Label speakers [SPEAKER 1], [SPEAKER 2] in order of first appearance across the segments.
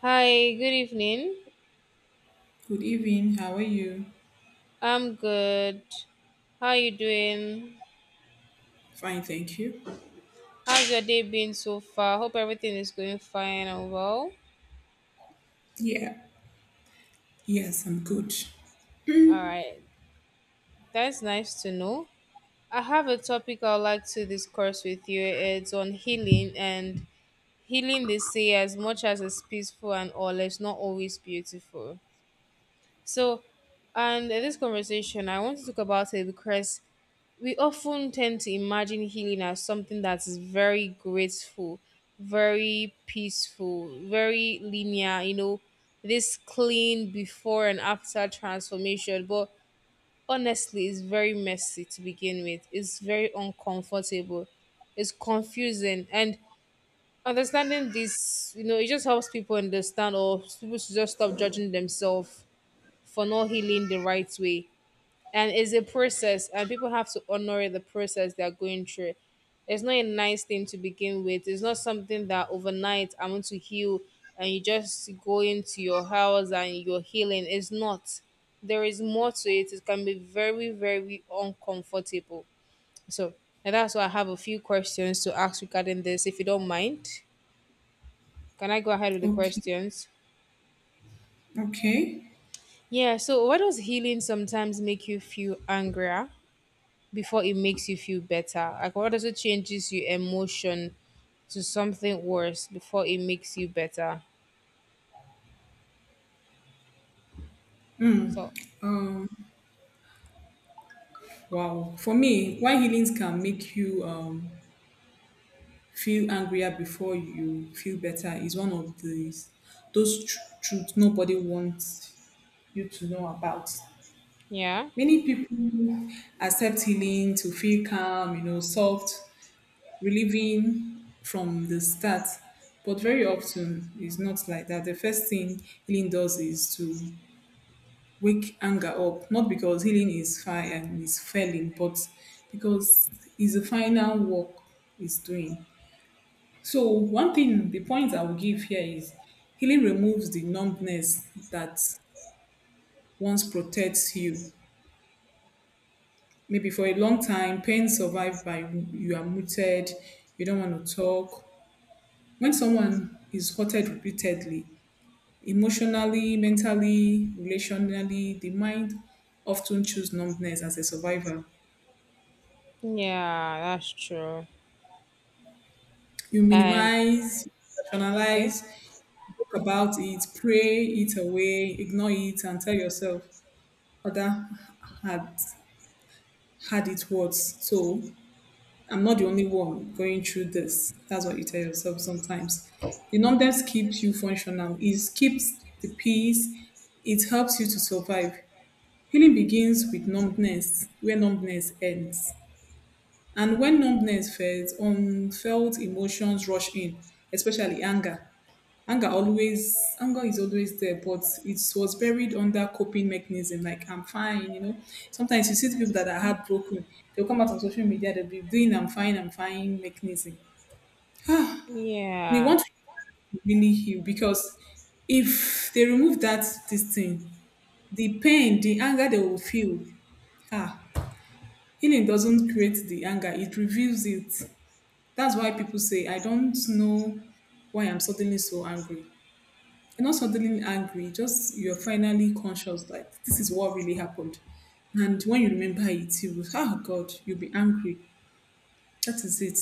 [SPEAKER 1] Hi, good evening.
[SPEAKER 2] Good evening. How are you?
[SPEAKER 1] I'm good. How are you doing?
[SPEAKER 2] Fine, thank you.
[SPEAKER 1] How's your day been so far? Hope everything is going fine and well.
[SPEAKER 2] Yeah. Yes, I'm good.
[SPEAKER 1] All right, that's nice to know. I have a topic I'd like to discuss with you. It's on healing, and healing, they say, as much as it's peaceful and all, it's not always beautiful. So, and in this conversation, I want to talk about it because we often tend to imagine healing as something that is very graceful, very peaceful, very linear, you know, this clean before and after transformation. But honestly, it's very messy to begin with. It's very uncomfortable. It's confusing. And understanding this, it just helps people understand, or people should just stop judging themselves for not healing the right way, and it's a process, and people have to honor the process they're going through. It's not a nice thing to begin with. It's not something that overnight I want to heal and you just go into your house and you're healing. It's not, there is more to it. It can be very, very uncomfortable. so and that's why I have a few questions to ask regarding this, if you don't mind. Can I go ahead with the
[SPEAKER 2] Okay.
[SPEAKER 1] questions?
[SPEAKER 2] Okay.
[SPEAKER 1] Yeah, so why does healing sometimes make you feel angrier before it makes you feel better? Like, what also changes your emotion to something worse before it makes you better? So
[SPEAKER 2] Wow. For me, why healings can make you feel angrier before you feel better is one of truths nobody wants you to know about.
[SPEAKER 1] yeah,
[SPEAKER 2] Many people accept healing to feel calm, soft, relieving from the start. But very often, it's not like that. The first thing healing does is to wake anger up, not because healing is fire and is failing, but because it's the final work it's doing. So one thing, the point I will give here is healing removes the numbness that once protects you. Maybe for a long time, pain survived by you are muted, you don't want to talk. When someone is hurted repeatedly, emotionally, mentally, relationally, the mind often choose numbness as a survivor.
[SPEAKER 1] yeah, that's true.
[SPEAKER 2] You
[SPEAKER 1] And
[SPEAKER 2] minimize,
[SPEAKER 1] okay,
[SPEAKER 2] rationalize, talk about it, pray it away, ignore it, and tell yourself, other had had it worse. So I'm not the only one going through this. That's what you tell yourself sometimes. The numbness keeps you functional. It keeps the peace. It helps you to survive. Healing begins with numbness, where numbness ends. And when numbness fades, unfelt emotions rush in, especially anger. Anger always anger is always there, but it was buried under coping mechanism like I'm fine, sometimes you see the people that are heartbroken. They'll come out on social media, they'll be doing I'm fine, I'm fine mechanism. They
[SPEAKER 1] yeah.
[SPEAKER 2] want to really heal, because if they remove that this thing, the pain, the anger, they will feel. ah Healing doesn't create the anger, it reveals it. That's why people say, I don't know why I'm suddenly so angry. You're not suddenly angry, just you're finally conscious, like this is what really happened. And when you remember it, you will, oh God, you'll be angry. That is it.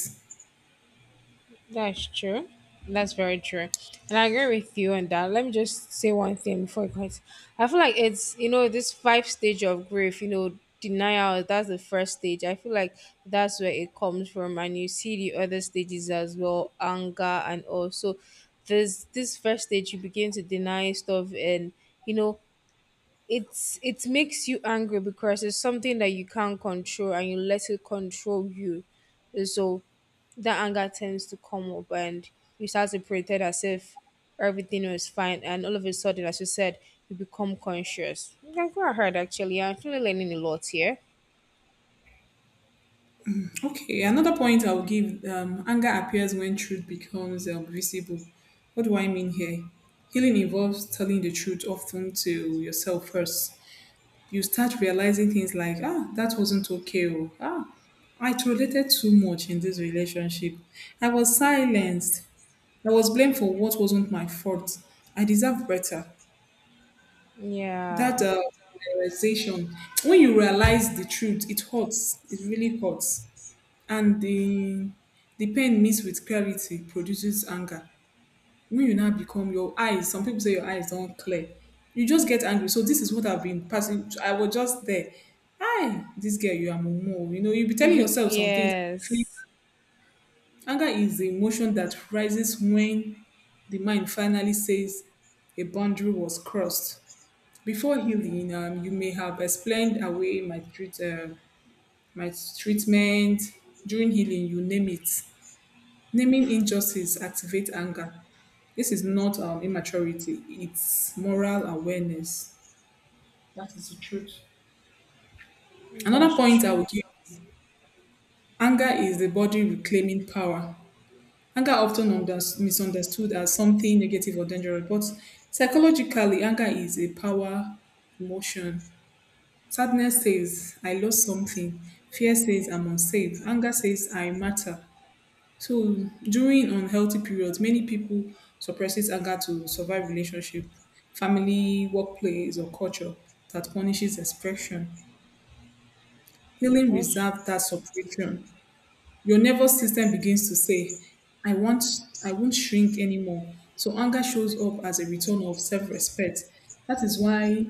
[SPEAKER 1] That's true. That's very true. And I agree with you on that. Let me just say one thing before it goes. I feel like it's, you know, this five stage of grief, you know, denial, that's the first stage. I feel like that's where it comes from. And you see the other stages as well, anger and also this first stage. You begin to deny stuff, and you know, it makes you angry because it's something that you can't control and you let it control you. So that anger tends to come up, and you start to pretend as if everything was fine, and all of a sudden, as you said, you become conscious. Yeah, go heard, actually, I'm actually learning a lot here.
[SPEAKER 2] Okay, another point I will give. Anger appears when truth becomes visible. What do I mean here? Healing involves telling the truth, often to yourself first. You start realizing things like, that wasn't okay, or I tolerated too much in this relationship. I was silenced. I was blamed for what wasn't my fault. I deserve better.
[SPEAKER 1] Yeah,
[SPEAKER 2] That realization, when you realize the truth, it hurts. It really hurts. And the pain mixed with clarity produces anger. When you now become your eyes, some people say your eyes don't clear. You just get angry. So this is what I've been passing. I was just there. Hi, this girl, you are mumu. You know, you be telling yourself some things.
[SPEAKER 1] yes,
[SPEAKER 2] Anger is the emotion that rises when the mind finally says a boundary was crossed. Before healing, you may have explained away my treatment. During healing, you name it. Naming injustice activates anger. This is not immaturity; it's moral awareness. That is the truth. Another
[SPEAKER 1] that's
[SPEAKER 2] point I
[SPEAKER 1] true.
[SPEAKER 2] would give: anger is the body reclaiming power. Anger often misunderstood as something negative or dangerous, but psychologically, anger is a power emotion. Sadness says, I lost something. Fear says, I'm unsafe. Anger says, I matter. So during unhealthy periods, many people suppresses anger to survive relationship, family, workplace, or culture that punishes expression. Healing
[SPEAKER 1] That's
[SPEAKER 2] reserves that suppression. Your nervous system begins to say, i want I won't shrink anymore. So anger shows up as a return of self-respect. That is why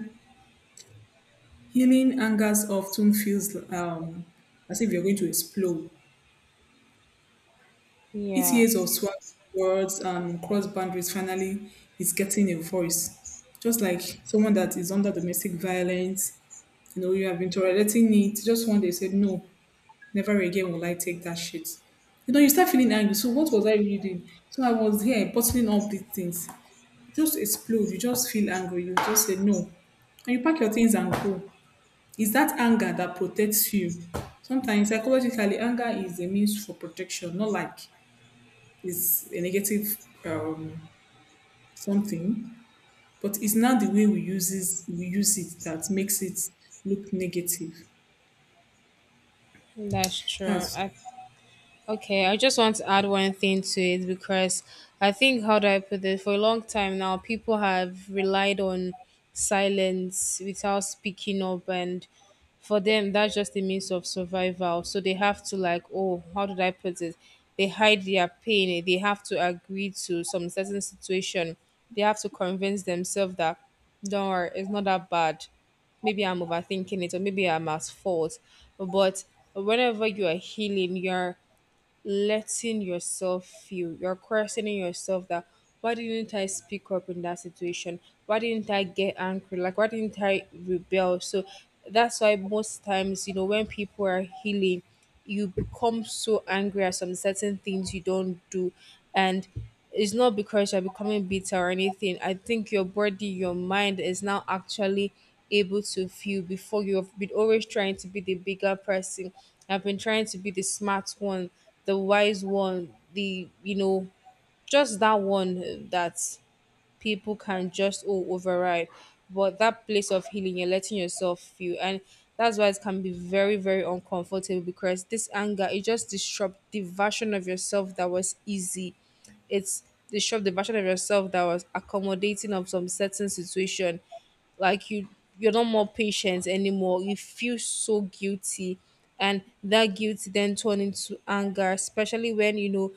[SPEAKER 2] healing angers often feels, as if you're going to explode. eight
[SPEAKER 1] yeah,
[SPEAKER 2] years of swag words and cross boundaries finally is getting a voice, just like someone that is under domestic violence. You have been tolerating it, just one day said no, never again will I take that shit. You know, you start feeling angry. So what was I really doing? So I was here bottling up these things. You just explode. You just feel angry. You just say no. And you pack your things and go. It's that anger that protects you. Sometimes psychologically, anger is a means for protection, not like it's a negative, um, something. But it's not the way we uses we use it that makes it look negative.
[SPEAKER 1] that's true.
[SPEAKER 2] That's
[SPEAKER 1] I Okay, I just want to add one thing to it because I think, how do I put it, for a long time now, people have relied on silence without speaking up, and for them, that's just a means of survival. So they have to, like, oh, how did I put it? They hide their pain, eh? They have to agree to some certain situation, they have to convince themselves that, don't worry, it's not that bad, maybe I'm overthinking it, or maybe I'm at fault. But whenever you are healing, you're letting yourself feel. You're questioning yourself that why didn't I speak up in that situation? Why didn't I get angry? Like, why didn't I rebel? So that's why most times, you know, when people are healing, you become so angry at some certain things you don't do. And it's not because you're becoming bitter or anything. I think your body, your mind is now actually able to feel. Before, you've been always trying to be the bigger person. I've been trying to be the smart one, the wise one, the you know, just that one that people can just oh override. But that place of healing, you're letting yourself feel, and that's why it can be very, very uncomfortable, because this anger, it just disrupts the version of yourself that was easy. It's disrupt the version of yourself that was accommodating of some certain situation. Like, you, you're not more patient anymore. You feel so guilty, and that guilt then turn into anger, especially when, you know,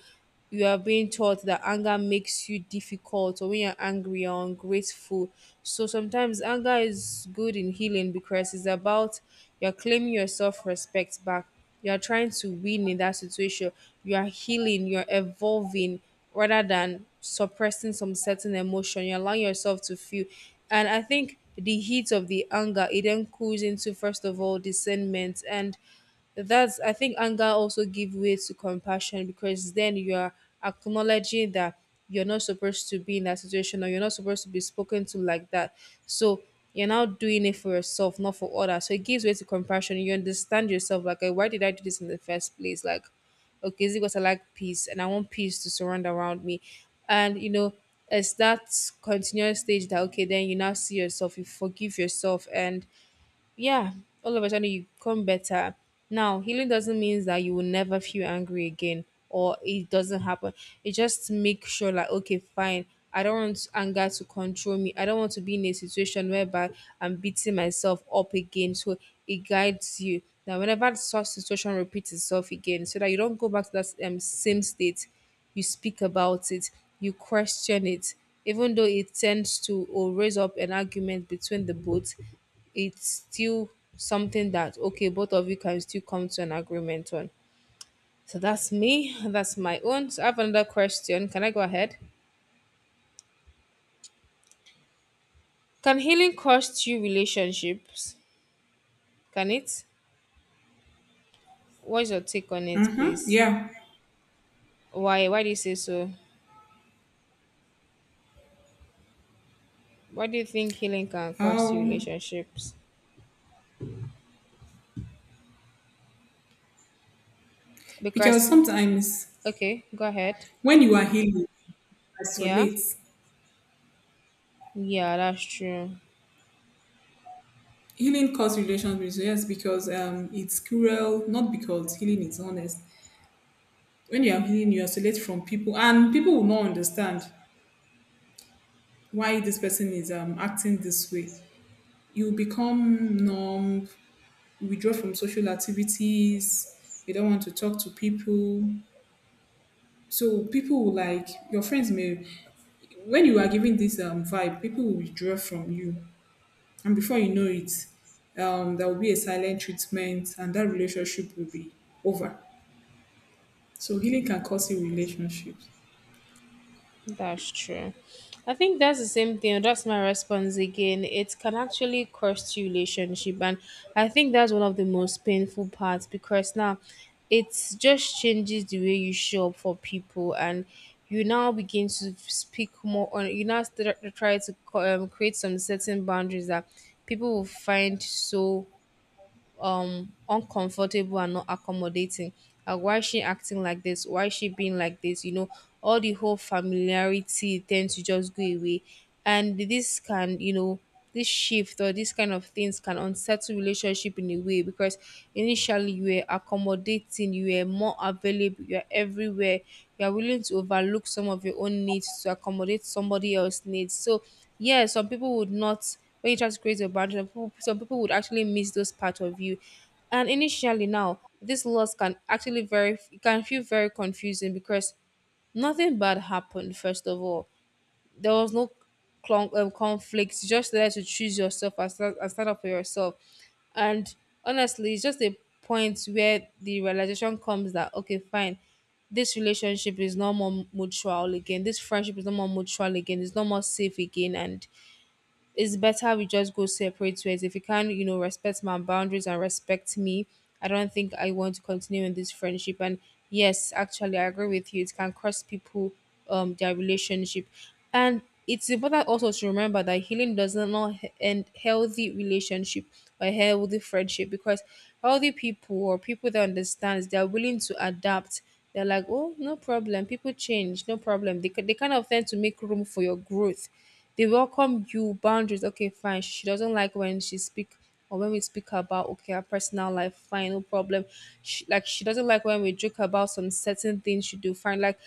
[SPEAKER 1] you are being taught that anger makes you difficult, or when you're angry or ungrateful. So sometimes anger is good in healing because it's about you're claiming your self-respect back. You're trying to win in that situation. You are healing, you're evolving, rather than suppressing some certain emotion. You allow yourself to feel. And I think the heat of the anger, it then cools into, first of all, discernment. And that's, I think anger also give way to compassion because then you're acknowledging that you're not supposed to be in that situation, or you're not supposed to be spoken to like that. So you're now doing it for yourself, not for others. So it gives way to compassion. You understand yourself, like, "Eh, why did I do this in the first place? Like, okay, is it because I like peace and I want peace to surround around me?" And you know, it's that continuous stage that okay, then you now see yourself, you forgive yourself, and yeah, all of a sudden you come better. Now, healing doesn't mean that you will never feel angry again, or it doesn't happen. It just make sure like, okay, fine. I don't want anger to control me. I don't want to be in a situation whereby I'm beating myself up again. So it guides you that whenever such situation repeats itself again, so that you don't go back to that same state, you speak about it, you question it, even though it tends to or raise up an argument between the both, it's still something that okay, both of you can still come to an agreement on. So that's me, that's my own. So I have another question. Can I go ahead? Can healing cost you relationships? Can it? What's your take on it, please?
[SPEAKER 2] yeah.
[SPEAKER 1] Why do you say so? Why do you think healing can cost you
[SPEAKER 2] How,
[SPEAKER 1] relationships?
[SPEAKER 2] because
[SPEAKER 1] Because
[SPEAKER 2] sometimes
[SPEAKER 1] okay, go ahead.
[SPEAKER 2] when you are healing,
[SPEAKER 1] Yeah,
[SPEAKER 2] isolate.
[SPEAKER 1] yeah, that's true.
[SPEAKER 2] Healing cause relations with, yes, because it's cruel, not because healing is honest. When you are healing, you isolate from people, and people will not understand why this person is acting this way. You become numb. You withdraw from social activities. You don't want to talk to people. So people will, like your friends may. When you are giving this vibe, people will withdraw from you, and before you know it, there will be a silent treatment, and that relationship will be over. So healing can cause in relationships.
[SPEAKER 1] That's true. I think that's the same thing. That's my response again. It can actually cost you relationship, and I think that's one of the most painful parts, because now it just changes the way you show up for people, and you now begin to speak more on. You now try to create some certain boundaries that people will find so uncomfortable and not accommodating. Like, why is she acting like this? Why is she being like this? You know, all the whole familiarity tends to just go away. And this can, you know, this shift or this kind of things can unsettle relationship in a way, because initially you were accommodating, you were more available, you're everywhere, you're willing to overlook some of your own needs to accommodate somebody else's needs. So yeah, some people would not, when you try to create a boundary, some people would actually miss those part of you. And initially, now this loss can actually very, it can feel very confusing because nothing bad happened. First of all, there was no conflict. You just there to choose yourself and stand up for yourself. And honestly, it's just a point where the realization comes that okay, fine, this relationship is no more mutual again. This friendship is no more mutual again. It's no more safe again, and it's better we just go separate ways. If you can, you know, respect my boundaries and respect me, I don't think I want to continue in this friendship. And yes, actually, I agree with you. It can cost people their relationship, and it's important also to remember that healing does not end healthy relationship or healthy friendship, because healthy people, or people that understands, they're willing to adapt. They're like, oh, no problem, people change, no problem. They they kind of tend to make room for your growth. They welcome you, boundaries. Okay, fine. She doesn't like when she speak, or when we speak about okay her personal life. Fine, no problem. She doesn't like when we joke about some certain things she do. Fine, like,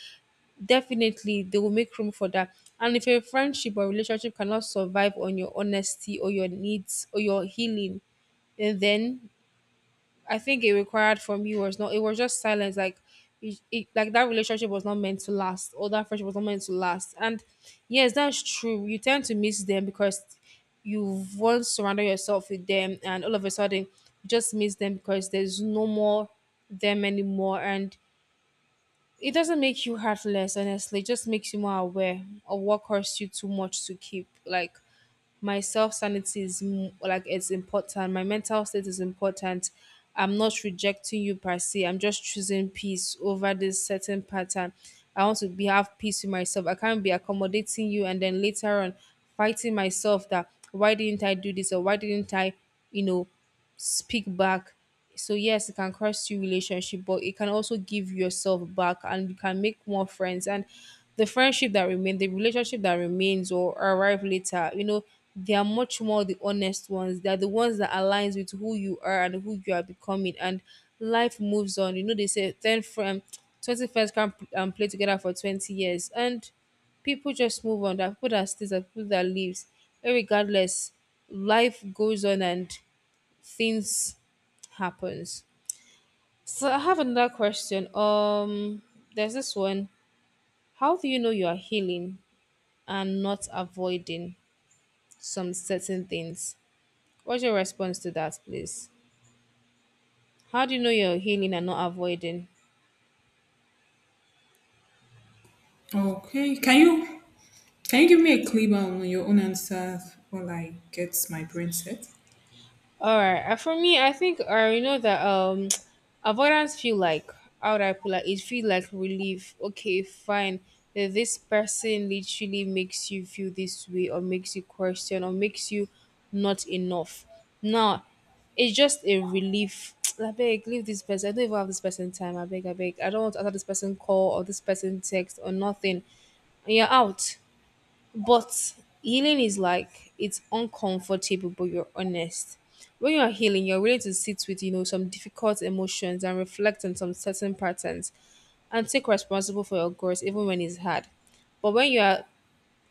[SPEAKER 1] definitely they will make room for that. And if a friendship or relationship cannot survive on your honesty or your needs or your healing, eh, then I think it required from you was not. It was just silence. Like, like that relationship was not meant to last, or that friendship was not meant to last. And yes, that's true. You tend to miss them because you've once surrounded yourself with them, and all of a sudden, you just miss them because there's no more them anymore. And it doesn't make you heartless, honestly. It just makes you more aware of what costs you too much to keep. Like, my self sanity is like it's important. My mental state is important. I'm not rejecting you per se. I'm just choosing peace over this certain pattern. I want to be have peace with myself. I can't be accommodating you and then later on fighting myself that why didn't I do this, or why didn't I, you know, speak back. So yes, it can cost you relationship, but it can also give yourself back and you can make more friends. And the friendship that remain, the relationship that remains or arrive later, you know, they are much more the honest ones. They are the ones that aligns with who you are and who you are becoming. And life moves on. You know, they say 10 friends, 20 friends can play together for 20 years. And people just move on. There are people that stays, there are people that leaves. Regardless, life goes on and things happens. So I have another question. There's this one. How do you know you are healing and not avoiding some certain things? What's your response to that, please? How do you know you're healing and not avoiding?
[SPEAKER 2] Okay, can you, can you give me a clip on your own answer while I get my brain set?
[SPEAKER 1] All right. For me, I think you know that avoidance feel like how would I put like it feel like relief. Okay, fine. That This person literally makes you feel this way, or makes you question, or makes you not enough. Now, it's just a relief. I beg, leave this person. I don't even have this person time. I beg, I beg. I don't want to answer this person call or this person text or nothing. And you're out. But healing is like it's uncomfortable, but you're honest. When you're healing, you're willing to sit with you know some difficult emotions and reflect on some certain patterns and take responsible for your growth even when it's hard. But when you are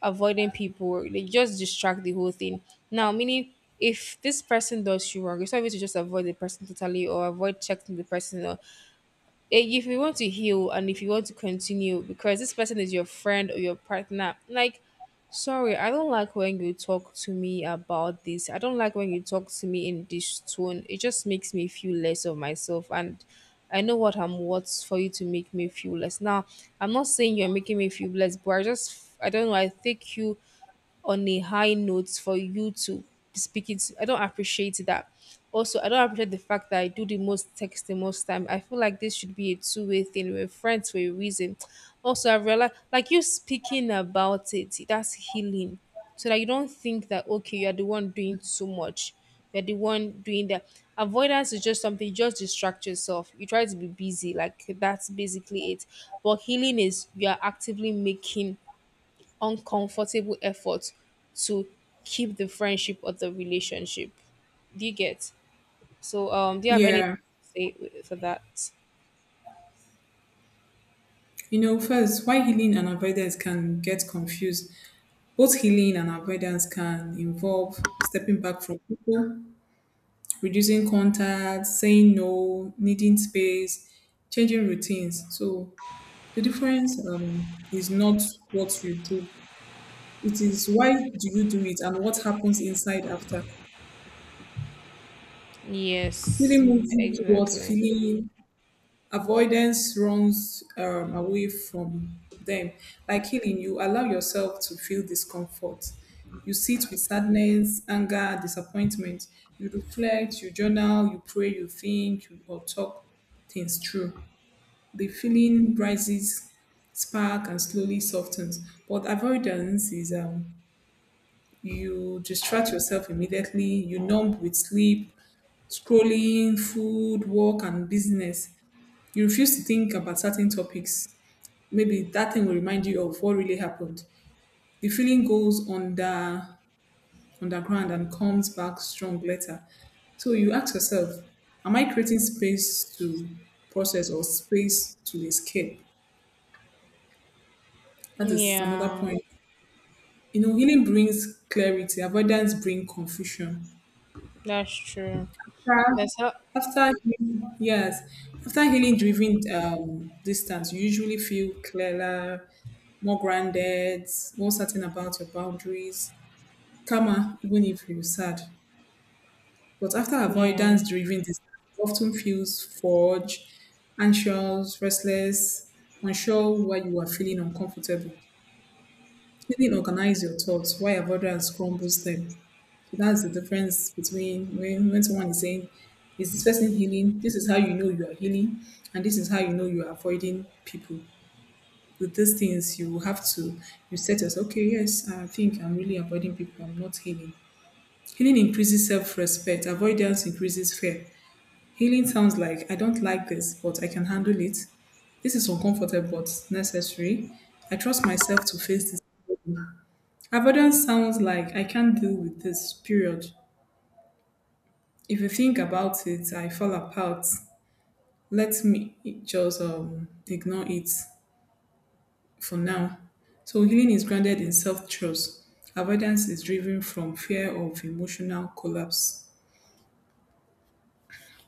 [SPEAKER 1] avoiding people, they just distract the whole thing. Now, meaning if this person does you wrong, it's not even to just avoid the person totally or avoid checking the person. Or if you want to heal and if you want to continue because this person is your friend or your partner, like sorry, I don't like when you talk to me about this. I don't like when you talk to me in this tone. It just makes me feel less of myself, and I know what I'm worth for you to make me feel less. Now, I'm not saying you're making me feel less, but I don't know. I take you on a high note for you to be speaking to. I don't appreciate that. Also, I don't appreciate the fact that I do the most texting most time. I feel like this should be a two-way thing. We're friends for a reason. Also, I realized, like you speaking about it, that's healing. So that you don't think that okay, you're the one doing so much. You're the one doing that. Avoidance is just something you just distract yourself. You try to be busy, like that's basically it. But healing is you are actively making uncomfortable effort to keep the friendship or the relationship. Do you get? So, do you have anything
[SPEAKER 2] Yeah,
[SPEAKER 1] to say for that?
[SPEAKER 2] first, why healing and avoidance can get confused. Both healing and avoidance can involve stepping back from people, reducing contact, saying no, needing space, changing routines. So the difference, is not what you do. It is why do you do it and what happens inside after.
[SPEAKER 1] Yes,
[SPEAKER 2] Healing moves you towards
[SPEAKER 1] exactly.
[SPEAKER 2] feeling. Avoidance runs away from them. Like healing, you allow yourself to feel discomfort. You sit with sadness, anger, disappointment. You reflect, you journal, you pray, you think, or talk things through. The feeling rises, spark, and slowly softens. But avoidance is, you distract yourself immediately, you numb with sleep, scrolling, food, work, and business. You refuse to think about certain topics. Maybe that thing will remind you of what really happened. The feeling goes underground and comes back strong later. So you ask yourself, am I creating space to process or space to escape? That is another
[SPEAKER 1] Yeah,
[SPEAKER 2] point. You know, healing brings clarity, avoidance brings confusion.
[SPEAKER 1] that's true.
[SPEAKER 2] After,
[SPEAKER 1] That's how.
[SPEAKER 2] after healing, yes, after healing driven distance, you usually feel clearer, more grounded, more certain about your boundaries, calmer, even if you're sad. But after
[SPEAKER 1] Yeah,
[SPEAKER 2] avoidance driven distance, often feels forged, anxious, restless, unsure why you are feeling uncomfortable. Healing organize your thoughts, while avoidance crumbles them. So that's the difference between, when someone is saying, is this person healing? This is how you know you are healing, and this is how you know you are avoiding people. With these things, you have to you set yourself, okay, yes, I think I'm really avoiding people, I'm not healing. Healing increases self respect, avoidance increases fear. Healing sounds like, I don't like this, but I can handle it. This is uncomfortable but necessary. I trust myself to face this. Avoidance sounds like, I can't deal with this, period. If you think about it, I fall apart. Let me just ignore it for now. So healing is grounded in self-trust. Avoidance is driven from fear of emotional collapse.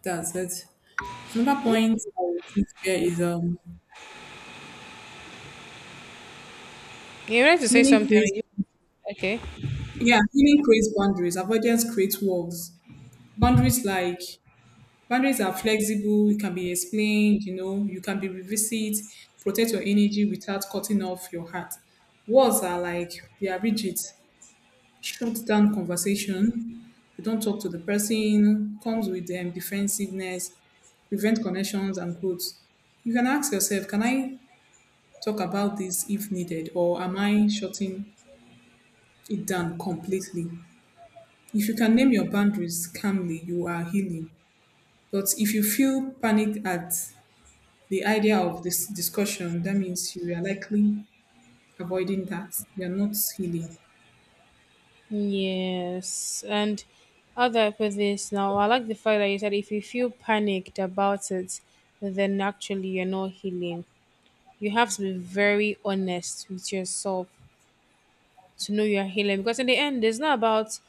[SPEAKER 2] That's it. Another point I would give here is,
[SPEAKER 1] you wanted to say
[SPEAKER 2] healing
[SPEAKER 1] something.
[SPEAKER 2] creates,
[SPEAKER 1] Okay.
[SPEAKER 2] yeah healing creates boundaries. Avoidance creates walls. Boundaries like Boundaries are flexible. You can be explained, you can be revisited. Protect your energy without cutting off your heart. Words are like, they are rigid, shut down conversation. You don't talk to the person, comes with, defensiveness, prevent connections and growth. You can ask yourself, can I talk about this if needed, or am I shutting it down completely? If you can name your boundaries calmly, you are healing. But if you feel panic at the idea of this discussion, that means you are likely avoiding that. You are not healing.
[SPEAKER 1] Yes, and how do I put this now? I like the fact that you said if you feel panicked about it, then actually you're not healing. You have to be very honest with yourself to know you're healing, because in the end it's not about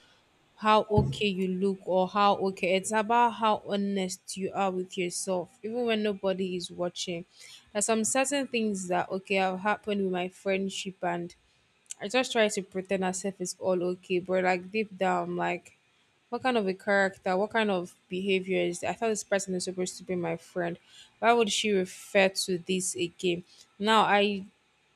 [SPEAKER 1] how okay you look or how okay. It's about how honest you are with yourself even when nobody is watching. There's some certain things that okay have happened with my friendship, and I just try to pretend as if it's all okay, but like deep down, like what kind of a character, what kind of behavior is that? I thought this person is supposed to be my friend. Why would she refer to this again? Now I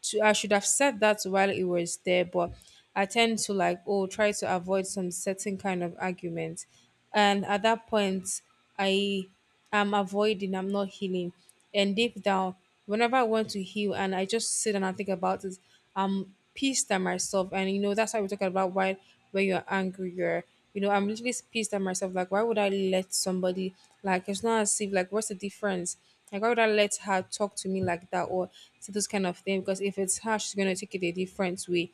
[SPEAKER 1] to I should have said that while it was there, but I tend to like oh try to avoid some certain kind of argument, and at that point I am avoiding. I'm not healing. And deep down, whenever I want to heal and I just sit and I think about it, I'm pissed at myself. And you know, that's why we're talking about why when you're angry, you're you know, I'm literally pissed at myself. Like, why would I let somebody like it's not as if like what's the difference? Like why would I let her talk to me like that or say those kind of thing? Because if it's her, she's gonna take it a different way.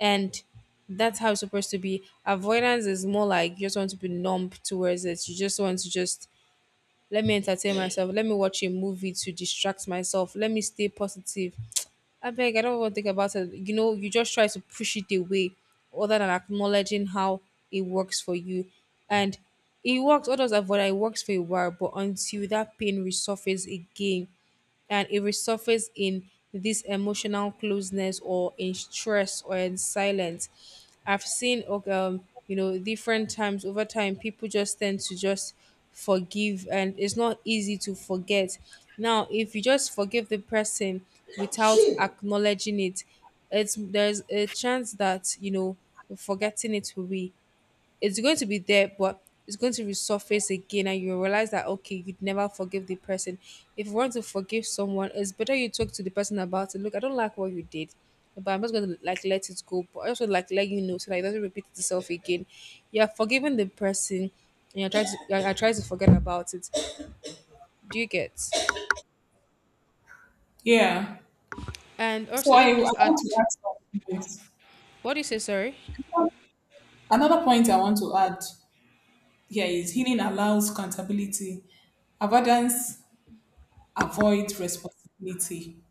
[SPEAKER 1] And that's how it's supposed to be. Avoidance is more like you just want to be numb towards it. You just want to just let me entertain myself. Let me watch a movie to distract myself. Let me stay positive. I beg, I don't want to think about it. You know, you just try to push it away other than acknowledging how it works for you. And it works, others avoid it, it works for a while, but until that pain resurfaces again, and it resurfaces in this emotional closeness or in stress or in silence. I've seen okay, you know different times over time people just tend to just forgive, and it's not easy to forget. Now if you just forgive the person without acknowledging it, it's there's a chance that you know forgetting it will be it's going to be there, but it's going to resurface again, and you realize that okay, you'd never forgive the person. If you want to forgive someone, it's better you talk to the person about it. Look, I don't like what you did, but I'm just gonna like let it go. But I also like let you know so that it doesn't repeat itself again. You're forgiving the person, and you're trying to I try to forget about it. Do you get?
[SPEAKER 2] Yeah.
[SPEAKER 1] And
[SPEAKER 2] So
[SPEAKER 1] also,
[SPEAKER 2] I,
[SPEAKER 1] let
[SPEAKER 2] I
[SPEAKER 1] me just add.
[SPEAKER 2] want to add something. Yes.
[SPEAKER 1] What do you say? Sorry.
[SPEAKER 2] Another point I want to add here is, healing allows accountability. Avoidance avoids responsibility.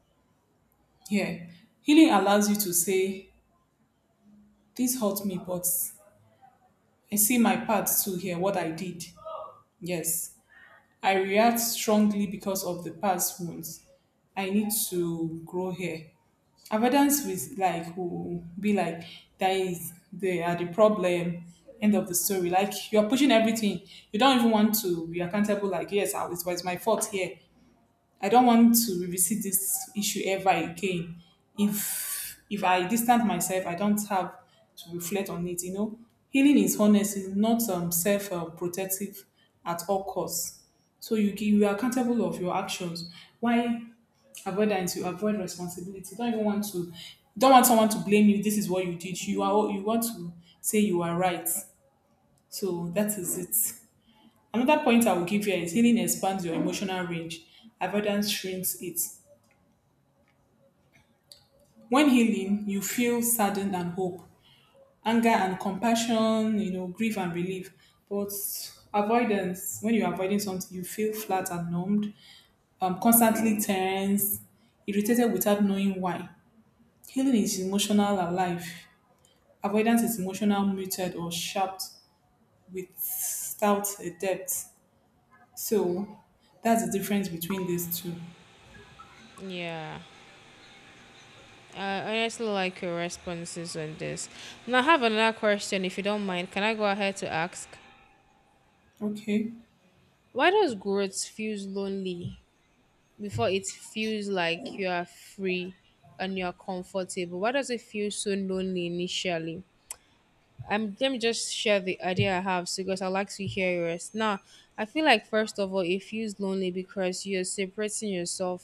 [SPEAKER 2] Yeah. Healing allows you to say, this hurt me, but I see my part too here, what I did. Yes. I react strongly because of the past wounds. I need to grow here. Avoidance with like will be like, that is, they are the problem. End of the story. Like, you're pushing everything. You don't even want to be accountable. Like yes, it was my fault here. I don't want to revisit this issue ever again. If I distance myself, I don't have to reflect on it. You know, healing is honest, is not self protective at all costs. So you you are accountable of your actions. Why avoidance? You avoid responsibility. Don't even want to. Don't want someone to blame you. This is what you did. You want to say you are right. So that is it. Another point I will give here is, healing expands your emotional range. Avoidance shrinks it. When healing, you feel saddened and hope, anger and compassion, grief and relief. But avoidance, when you're avoiding something, you feel flat and numbed, constantly tense, irritated without knowing why. Healing is emotional alive. Avoidance is emotional muted or sharp without a depth. So that's the difference between these two.
[SPEAKER 1] Yeah. I honestly like your responses on this. Now, I have another question, if you don't mind. Can I go ahead to ask?
[SPEAKER 2] Okay.
[SPEAKER 1] Why does growth feels lonely before it feels like you are free and you are comfortable? Why does it feel so lonely initially? Let me just share the idea I have so because I like to hear yours. Now, I feel like first of all, it feels lonely because you're separating yourself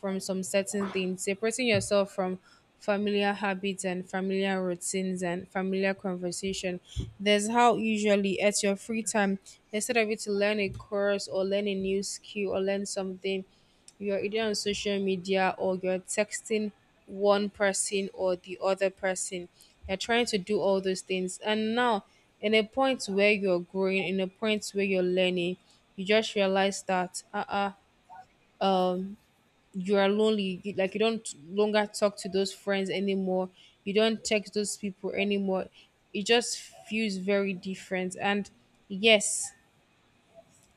[SPEAKER 1] from some certain things, separating yourself from familiar habits and familiar routines and familiar conversation. There's how usually at your free time, instead of you to learn a course or learn a new skill or learn something, you're either on social media or you're texting one person or the other person. You're trying to do all those things. And now, in a point where you're growing, in a point where you're learning, you just realize that, you are lonely you, like you don't longer talk to those friends anymore. You don't text those people anymore. It just feels very different, and yes,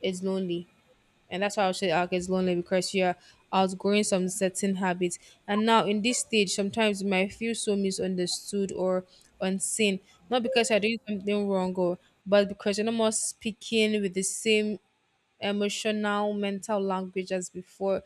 [SPEAKER 1] it's lonely. And that's why I'll say like, it's lonely because you're outgrowing some certain habits, and now in this stage sometimes you might feel so misunderstood or unseen, not because you're doing something wrong or but because you're not more speaking with the same emotional mental language as before.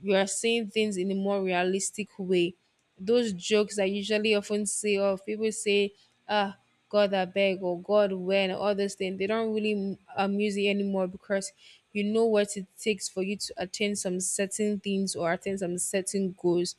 [SPEAKER 1] You are saying things in a more realistic way. Those jokes I usually often say or people say, ah, god I beg or god when or all those things, they don't really amuse you anymore because you know what it takes for you to attain some certain things or attain some certain goals,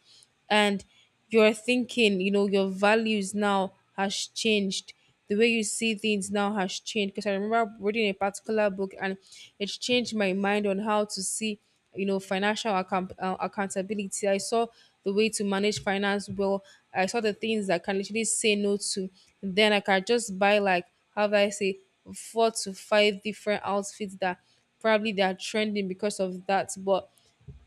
[SPEAKER 1] and your thinking, you know, your values now has changed. The way you see things now has changed. Because I remember reading a particular book and it changed my mind on how to see, you know, accountability. I saw the way to manage finance well. I saw the things that I can literally say no to. Then I can just buy like, how do I say, four to five different outfits that probably they are trending because of that. But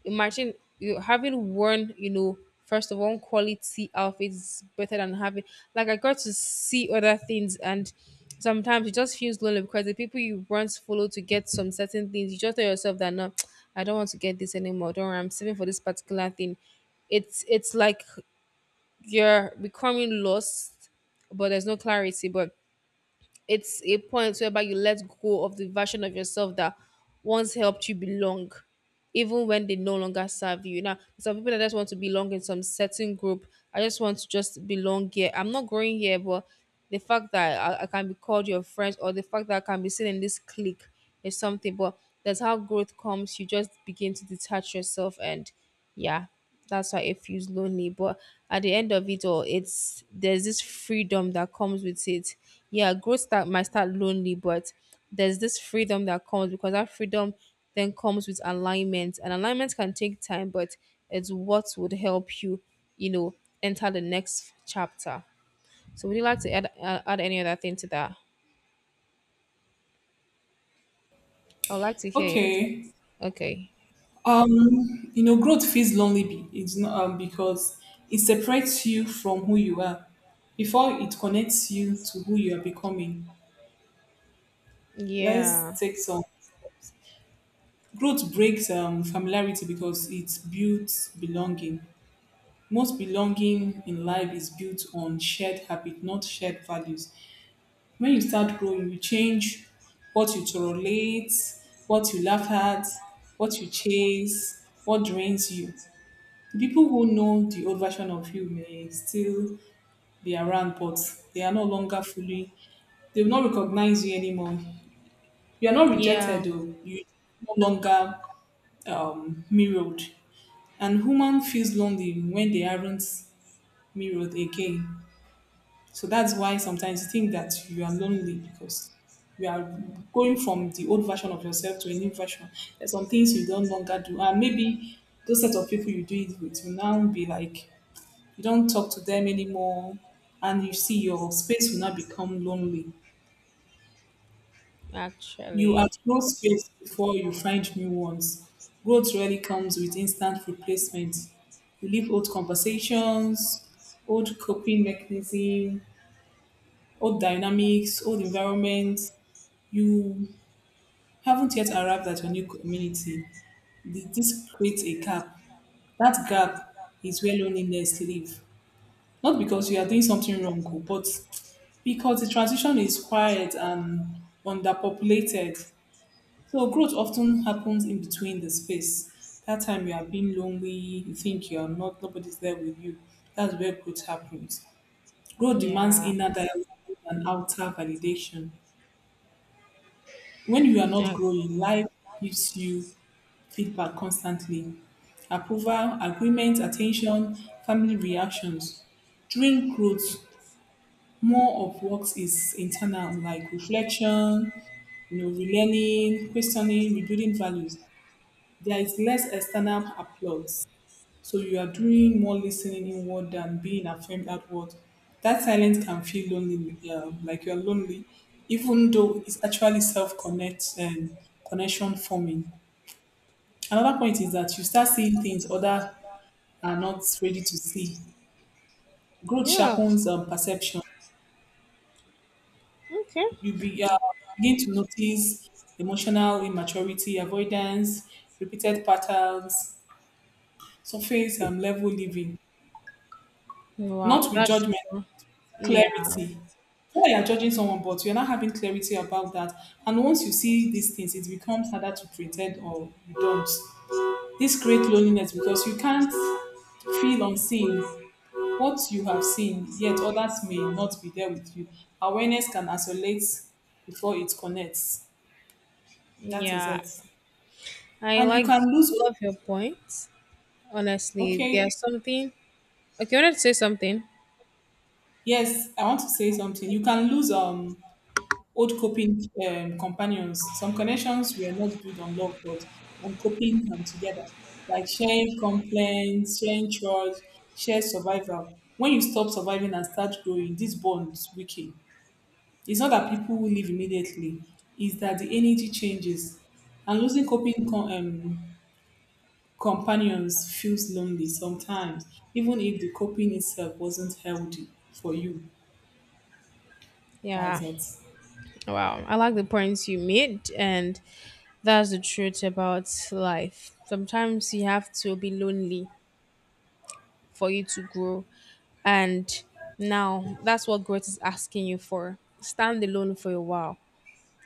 [SPEAKER 1] imagine you having one you know first of all quality outfits better than having like I got to see other things. And sometimes it just feels lonely because the people you once follow to get some certain things, you just tell yourself that no, I don't want to get this anymore. Don't worry, I'm saving for this particular thing. It's like you're becoming lost, but there's no clarity. But it's a point whereby you let go of the version of yourself that once helped you belong, even when they no longer serve you. Now, some people that just want to belong in some certain group. I just want to just belong here. I'm not growing here, but the fact that I can be called your friends or the fact that I can be seen in this clique is something. But that's how growth comes. You just begin to detach yourself, and yeah, that's why it feels lonely. But at the end of it all, it's there's this freedom that comes with it. Yeah, growth start might start lonely, but there's this freedom that comes, because that freedom then comes with alignment, and alignment can take time, but it's what would help you you know enter the next chapter. So would you like to add add any other thing to that? I would like to hear your
[SPEAKER 2] Okay.
[SPEAKER 1] thoughts. Okay.
[SPEAKER 2] You know, growth feels lonely. It's not because it separates you from who you are. Before it connects you to who you are becoming.
[SPEAKER 1] Yeah,
[SPEAKER 2] Let's take some growth breaks familiarity because it builds belonging. Most belonging in life is built on shared habit, not shared values. When you start growing, you change what you tolerate, what you laugh at, what you chase, what drains you. The people who know the old version of you may still be around, but they are no longer fully, they will not recognize you anymore. You are not rejected,
[SPEAKER 1] yeah,
[SPEAKER 2] though. You are no longer mirrored. And human feels lonely when they aren't mirrored again. So that's why sometimes you think that you are lonely because you are going from the old version of yourself to a new version. There's some things you don't longer do. And maybe those set of people you do it with will now be like you don't talk to them anymore, and you see your space will not become lonely. You
[SPEAKER 1] actually,
[SPEAKER 2] outgrow space before you find new ones. Growth rarely comes with instant replacement. You leave old conversations, old coping mechanism, old dynamics, old environment. You haven't yet arrived at your new community. This creates a gap. That gap is where loneliness lives. Not because you are doing something wrong, oh, but because the transition is quiet and underpopulated. So growth often happens in between the space. That time you are being lonely, you think you are not, nobody's there with you. That's where growth happens. Growth demands
[SPEAKER 1] yeah.
[SPEAKER 2] inner dialogue and outer validation. When you are not
[SPEAKER 1] Uh,
[SPEAKER 2] growing, life gives you feedback constantly. Approval, agreement, attention, family reactions. During growth, more of what is internal, like reflection, you know, relearning, questioning, rebuilding values. There is less external applause. So you are doing more listening inward than being affirmed outward. That silence can feel lonely, yeah, like you're lonely, even though it's actually self connect and connection forming. Another point is that you start seeing things other are not ready to see. Growth
[SPEAKER 1] yeah.
[SPEAKER 2] sharpens perception.
[SPEAKER 1] Okay.
[SPEAKER 2] You begin to notice emotional immaturity, avoidance, repeated patterns, surface and level living,
[SPEAKER 1] Wow,
[SPEAKER 2] not with
[SPEAKER 1] that's
[SPEAKER 2] judgment,
[SPEAKER 1] true. Yeah,
[SPEAKER 2] clarity. So you're judging someone, but you're not having clarity about that. And once you see these things, it becomes harder to pretend or you don't. This creates loneliness because you can't feel unseen. What you have seen, yet others may not be there with you. Awareness can isolate before it connects. That is
[SPEAKER 1] yeah.
[SPEAKER 2] it.
[SPEAKER 1] I
[SPEAKER 2] And you can
[SPEAKER 1] like
[SPEAKER 2] lose.
[SPEAKER 1] all of your points. Honestly,
[SPEAKER 2] Okay.
[SPEAKER 1] there's something. Okay, I wanted to say something.
[SPEAKER 2] Yes, I want to say something. You can lose old coping companions. Some connections were not built on love but on coping together, like sharing complaints, sharing chores, share survival. When you stop surviving and start growing, these bonds weaken. It's not that people will leave immediately, it's that the energy changes. And losing companions feels lonely sometimes, even if the coping itself wasn't healthy for you. That's
[SPEAKER 1] Yeah.
[SPEAKER 2] it.
[SPEAKER 1] Wow. I like the points you made, and that's the truth about life. Sometimes you have to be lonely for you to grow, and now that's what growth is asking you for. Stand alone for a while.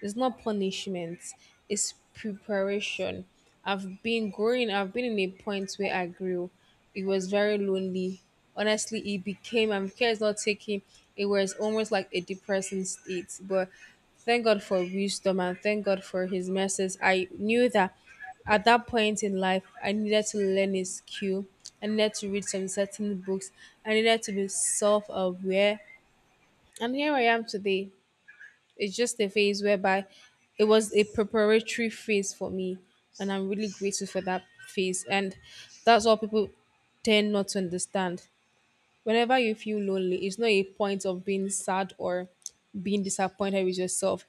[SPEAKER 1] It's not punishment, it's preparation. I've been growing, I've been in a point where I grew. It was very lonely. Honestly, it became, I'm care it's not taking, it was almost like a depressing state. But thank God for wisdom and thank God for his mercies. I knew that at that point in life, I needed to learn a skill. I needed to read some certain books. I needed to be self aware. And here I am today. It's just a phase whereby it was a preparatory phase for me, and I'm really grateful for that phase. And that's what people tend not to understand. Whenever you feel lonely, it's not a point of being sad or being disappointed with yourself.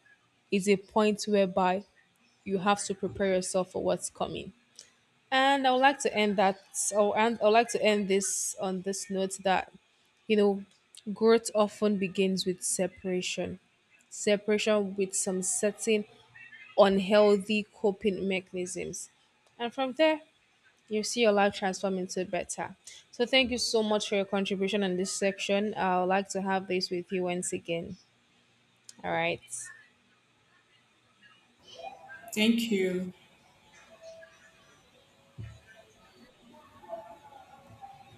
[SPEAKER 1] It's a point whereby you have to prepare yourself for what's coming. And I would like to end that, or and I would like to end this on this note that you know, growth often begins with separation. Separation with some certain unhealthy coping mechanisms. And from there, you see your life transform into better. So thank you so much for your contribution in this section. I would like to have this with you once again. All right.
[SPEAKER 2] Thank you.